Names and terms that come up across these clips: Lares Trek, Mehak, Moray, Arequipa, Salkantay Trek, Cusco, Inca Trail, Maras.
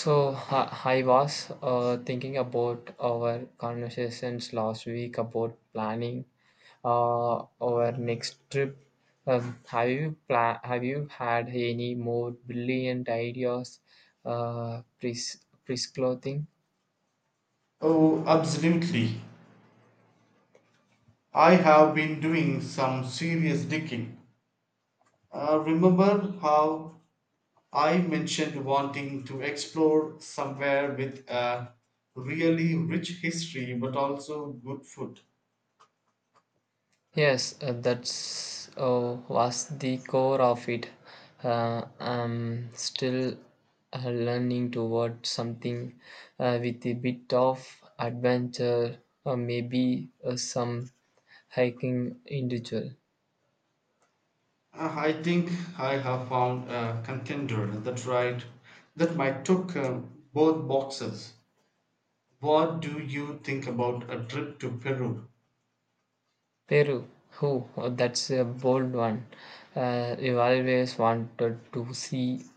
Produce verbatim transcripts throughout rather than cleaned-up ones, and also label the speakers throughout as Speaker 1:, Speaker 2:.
Speaker 1: So hi- I was uh, thinking about our conversations last week about planning uh, our next trip. Um, have you pla- Have you had any more brilliant ideas? Uh, pres- presclothing.
Speaker 2: "Oh, absolutely. I have been doing some serious digging. Uh, Remember how I mentioned wanting to explore somewhere with a really rich history but also good food?
Speaker 1: Yes, uh, that's uh, was the core of it. Uh, I'm still uh, learning toward something uh, with a bit of adventure, or maybe uh, some hiking individual.
Speaker 2: Uh, I think I have found a contender that right that might took uh, both boxes. What do you think about a trip to Peru?
Speaker 1: Peru, who? Oh, that's a bold one. Uh, I've always wanted to see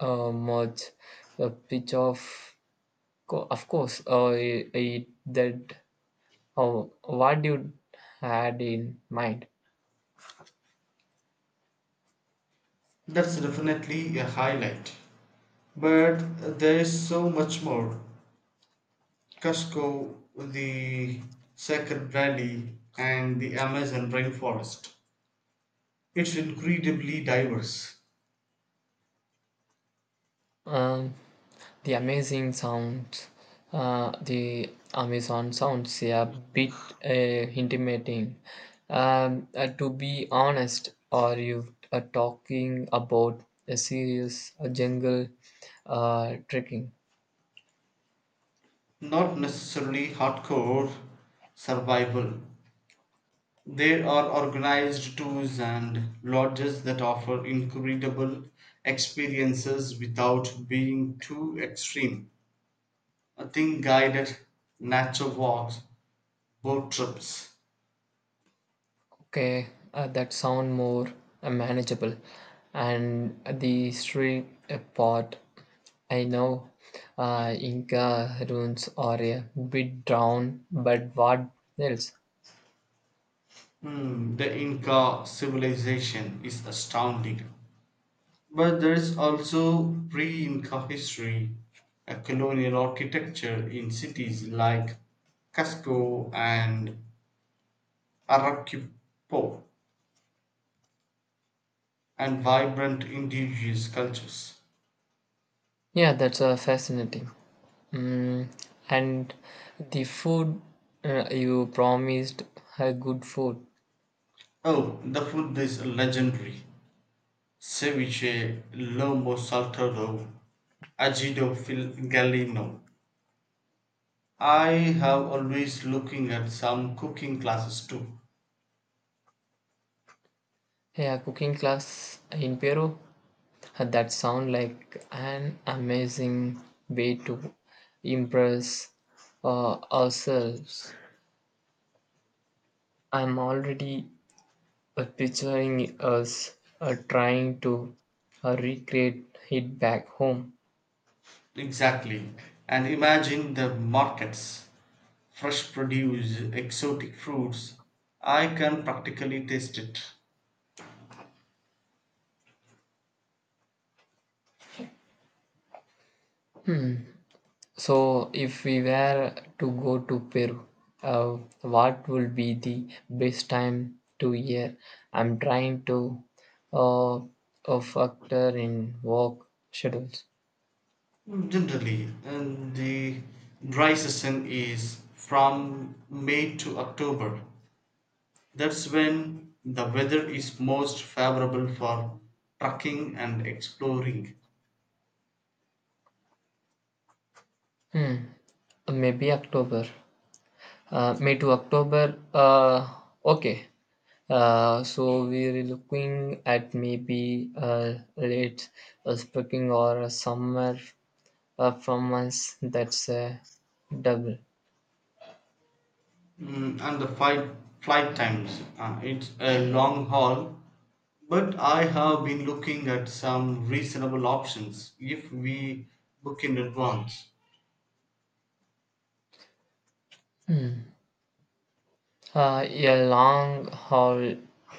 Speaker 1: uh, much a pitch of, co- of course, uh, it, that. Oh, what you had in mind?
Speaker 2: That's definitely a highlight. But there's so much more. Cusco, the sacred brandy, and the Amazon rainforest. It's incredibly diverse,
Speaker 1: Um, the amazing sounds, uh, the Amazon sounds, yeah, bit uh, intimidating. Um, uh, to be honest, are you uh, talking about a serious uh, jungle uh, trekking?
Speaker 2: not necessarily hardcore survival. There are organized tours and lodges that offer incredible experiences without being too extreme. I think guided nature walks, boat trips.
Speaker 1: Okay, uh, that sound more uh, manageable. And the history uh, part, I know uh, Inca ruins are a bit down, but what else?
Speaker 2: Hmm, the Inca civilization is astounding. But there is also pre Inca history, a colonial architecture in cities like Cusco and Arequipa, and vibrant indigenous cultures.
Speaker 1: Yeah, that's uh, fascinating. Mm, and the food uh, you promised uh, good food.
Speaker 2: Oh, the food is legendary ceviche, lomo saltado, ajido fil galino. I have always looking at some cooking classes too.
Speaker 1: Yeah, cooking class in Peru. Uh, That sound like an amazing way to impress uh, ourselves. I'm already uh, picturing us uh, trying to uh, recreate it back home.
Speaker 2: Exactly. And imagine the markets fresh produce, exotic fruits. I can practically taste it
Speaker 1: Hmm. So, if we were to go to Peru, uh, what would be the best time to year? I'm trying to uh, uh, factor in work schedules.
Speaker 2: generally. And the dry season is from May to October. That's when the weather is most favorable for trekking and exploring.
Speaker 1: Hmm. Uh, Maybe October. Uh, May to October. Uh, okay. Uh, so we're looking at maybe uh, late uh, spring or summer uh, from us. That's uh, double.
Speaker 2: Mm, and the flight, flight times, uh, it's a long haul, but I have been looking at some reasonable options if we book in advance.
Speaker 1: Hmm. Uh, a long haul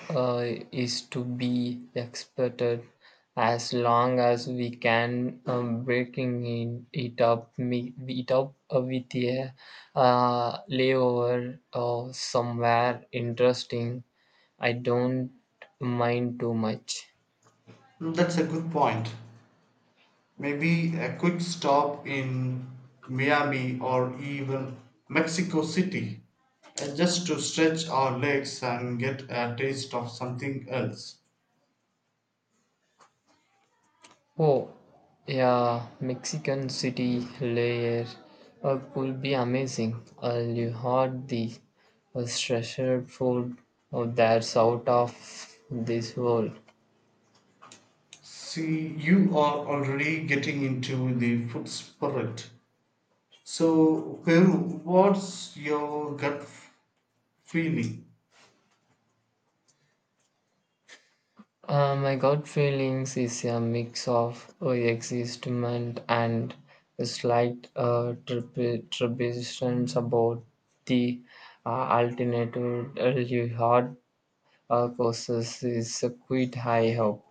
Speaker 1: uh, is to be expected, as long as we can um, breaking in it up, me- it up uh, with a uh, layover or somewhere interesting. I don't mind too much.
Speaker 2: Hmm, that's a good point. Maybe a quick stop in Miami or even Mexico City uh, just to stretch our legs and get a taste of something else.
Speaker 1: Oh, yeah, Mexican City layer uh, could be amazing. Uh, you heard the uh, treasured food uh, that's out of this world.
Speaker 2: See, you are already getting into the food spirit. So, Peru, what's your gut feeling?
Speaker 1: Uh, my gut feelings is a mix of uh, excitement and a slight uh, trepi- trepidations about the uh, alternative uh, you heard uh, courses is a quite high hope.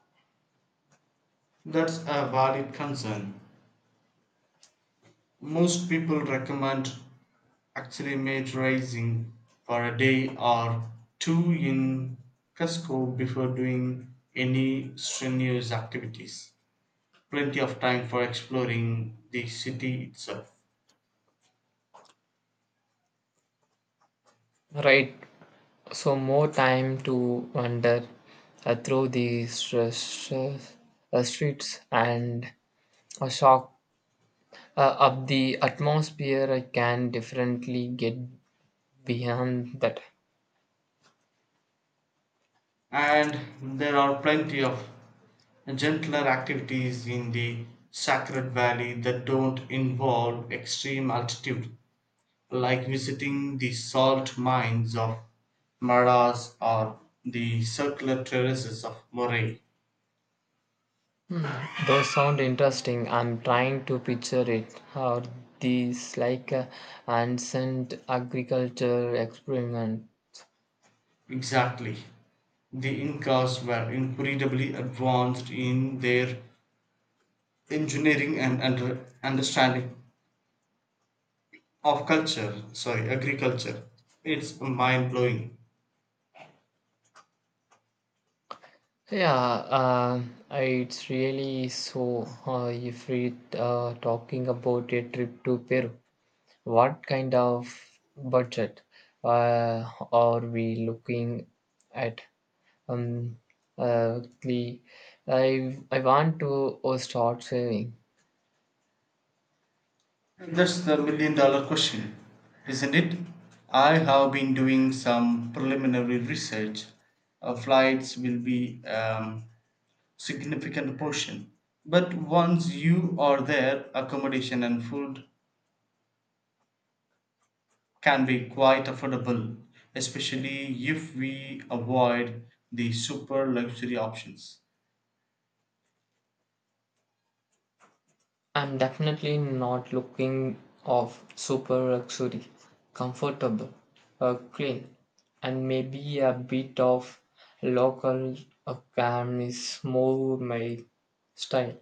Speaker 2: That's a valid concern. Most people recommend actually made racing for a day or two in Cusco before doing any strenuous activities. Plenty of time for exploring the city itself.
Speaker 1: Right, so more time to wander uh, through the stress, uh, streets and a shock uh, of the atmosphere I can differently get beyond that.
Speaker 2: And there are plenty of gentler activities in the Sacred Valley that don't involve extreme altitude, like visiting the salt mines of Maras or the circular terraces of Moray.
Speaker 1: Those sound interesting. I'm trying to picture it. How these like uh, ancient agriculture experiment.
Speaker 2: Exactly. The Incas were incredibly advanced in their engineering and under, understanding of culture, sorry, agriculture. It's mind blowing.
Speaker 1: Yeah, uh, it's really so uh, if we uh, talking about a trip to Peru. What kind of budget uh, are we looking at? Um, uh, the- I I want to uh, start saving.
Speaker 2: That's the million dollar question, isn't it? I have been doing some preliminary research. Uh, flights will be um, significant portion, but once you are there, accommodation and food can be quite affordable, especially if we avoid the super luxury options.
Speaker 1: I'm definitely not looking of super luxury, comfortable, uh, clean, and maybe a bit of local uh, cam is more my style.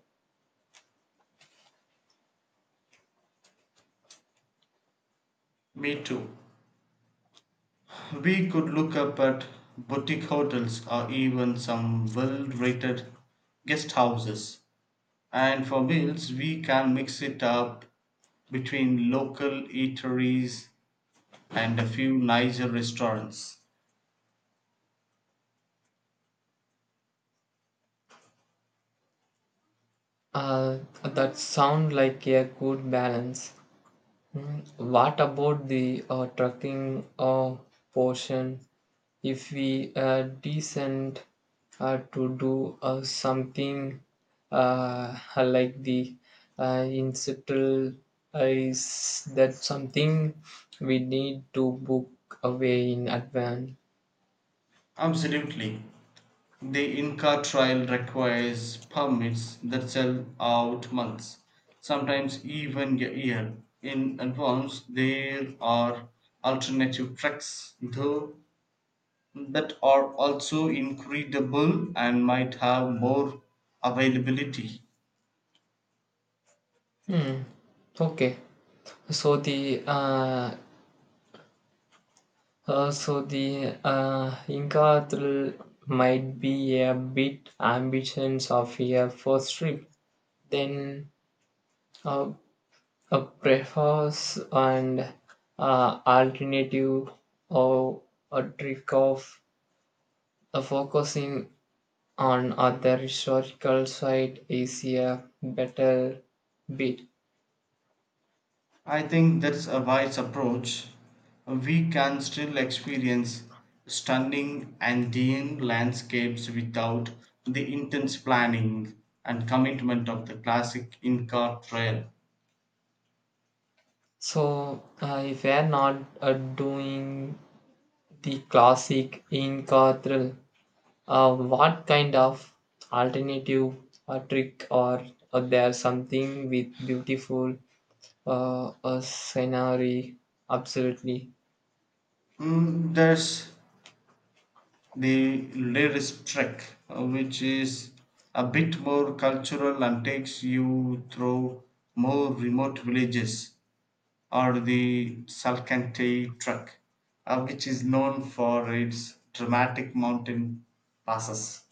Speaker 2: Me too. We could look up at boutique hotels or even some well rated guest houses. And for meals, we can mix it up between local eateries and a few nicer restaurants.
Speaker 1: Uh, that sound like a good balance. Mm, what about the uh, trucking uh, portion? If we uh, decent uh, to do uh, something uh, like the uh, incidental uh, is that something we need to book away in advance?
Speaker 2: Absolutely. The Inca trial requires permits that sell out months, sometimes even a year in advance. There are alternative tracks, though, that are also incredible and might have more availability.
Speaker 1: Hmm. Okay, so the uh, Uh, so the uh, Inca thrill might be a bit ambitions of a first trip, then uh, a preface and uh, alternative or a trick of uh, focusing on other historical site is a better bit.
Speaker 2: I think that's a wise approach. We can still experience stunning Andean landscapes without the intense planning and commitment of the classic Inca trail.
Speaker 1: So uh, if we are not uh, doing the classic Inca thrill, Uh, what kind of alternative a trick or uh, there's something with beautiful uh, a scenery? Absolutely.
Speaker 2: Mm, there's the Lyris Trek, uh, which is a bit more cultural and takes you through more remote villages. Or the Salkantay Trek, uh, which is known for its dramatic mountain passes.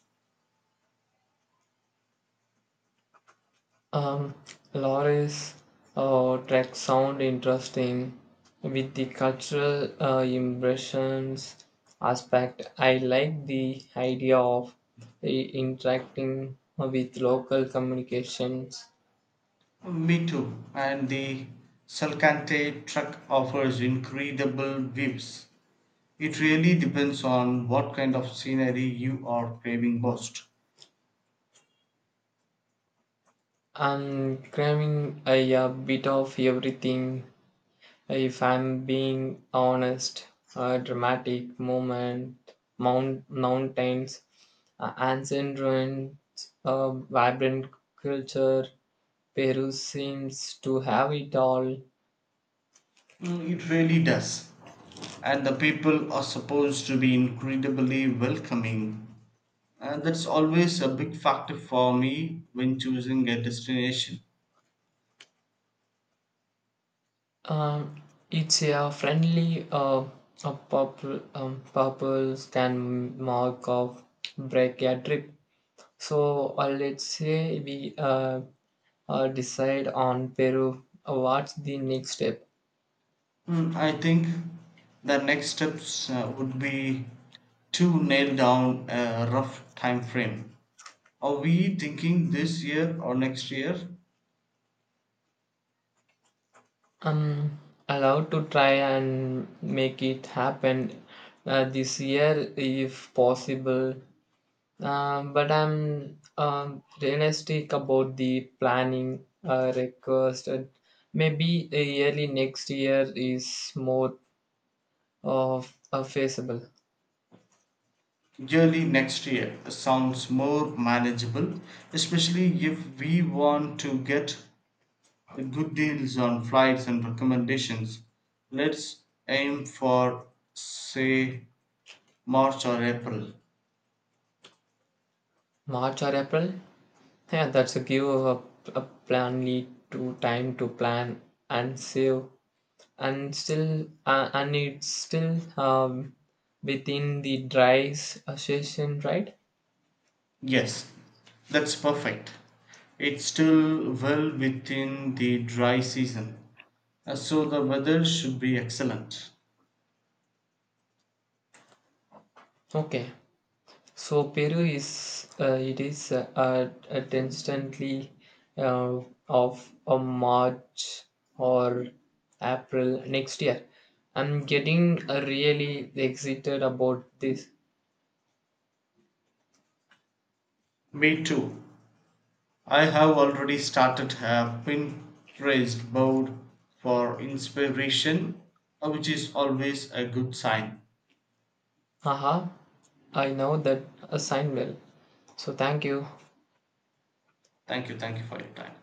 Speaker 1: Um, Loris uh, track sound interesting with the cultural uh, impressions aspect. I like the idea of i- interacting with local communications.
Speaker 2: Me too. And the Salkantay Trek offers incredible views. It really depends on what kind of scenery you are craving most.
Speaker 1: I'm craving a, a bit of everything, if I'm being honest. A dramatic moment, mount, mountains, uh, ancient ruins, a vibrant culture. Peru seems to have it all.
Speaker 2: Mm, it really does. And the people are supposed to be incredibly welcoming. And that's always a big factor for me when choosing a destination.
Speaker 1: Um, it's a friendly, uh, a purple, um, purple can mark of break a trip. So uh, let's say we uh, uh, decide on Peru. Uh, What's the next step?
Speaker 2: Mm, I think the next steps uh, would be to nail down a rough time frame. Are we thinking this year or next year?
Speaker 1: Um, I'll have to try and make it happen uh, this year if possible. Um, but I'm um, realistic about the planning uh, requested. Maybe uh, early next year is more of uh, feasible.
Speaker 2: Yearly next year sounds more manageable, especially if we want to get good deals on flights and recommendations. Let's aim for, say, March or April.
Speaker 1: March or April? Yeah, that's a give a, a planly to time to plan and save, and still uh, and it's still um, within the dry s- uh, session, right?
Speaker 2: Yes, that's perfect. It's still well within the dry season, uh, so the weather should be excellent.
Speaker 1: Okay, so Peru is uh, it is uh, uh, at instantly uh, of a March or April next year. I'm getting uh, really excited about this.
Speaker 2: Me too. I have already started a Pinterest board for inspiration, uh, which is always a good sign.
Speaker 1: Haha, I know that assignment. Well, so thank you.
Speaker 2: Thank you, thank you for your time.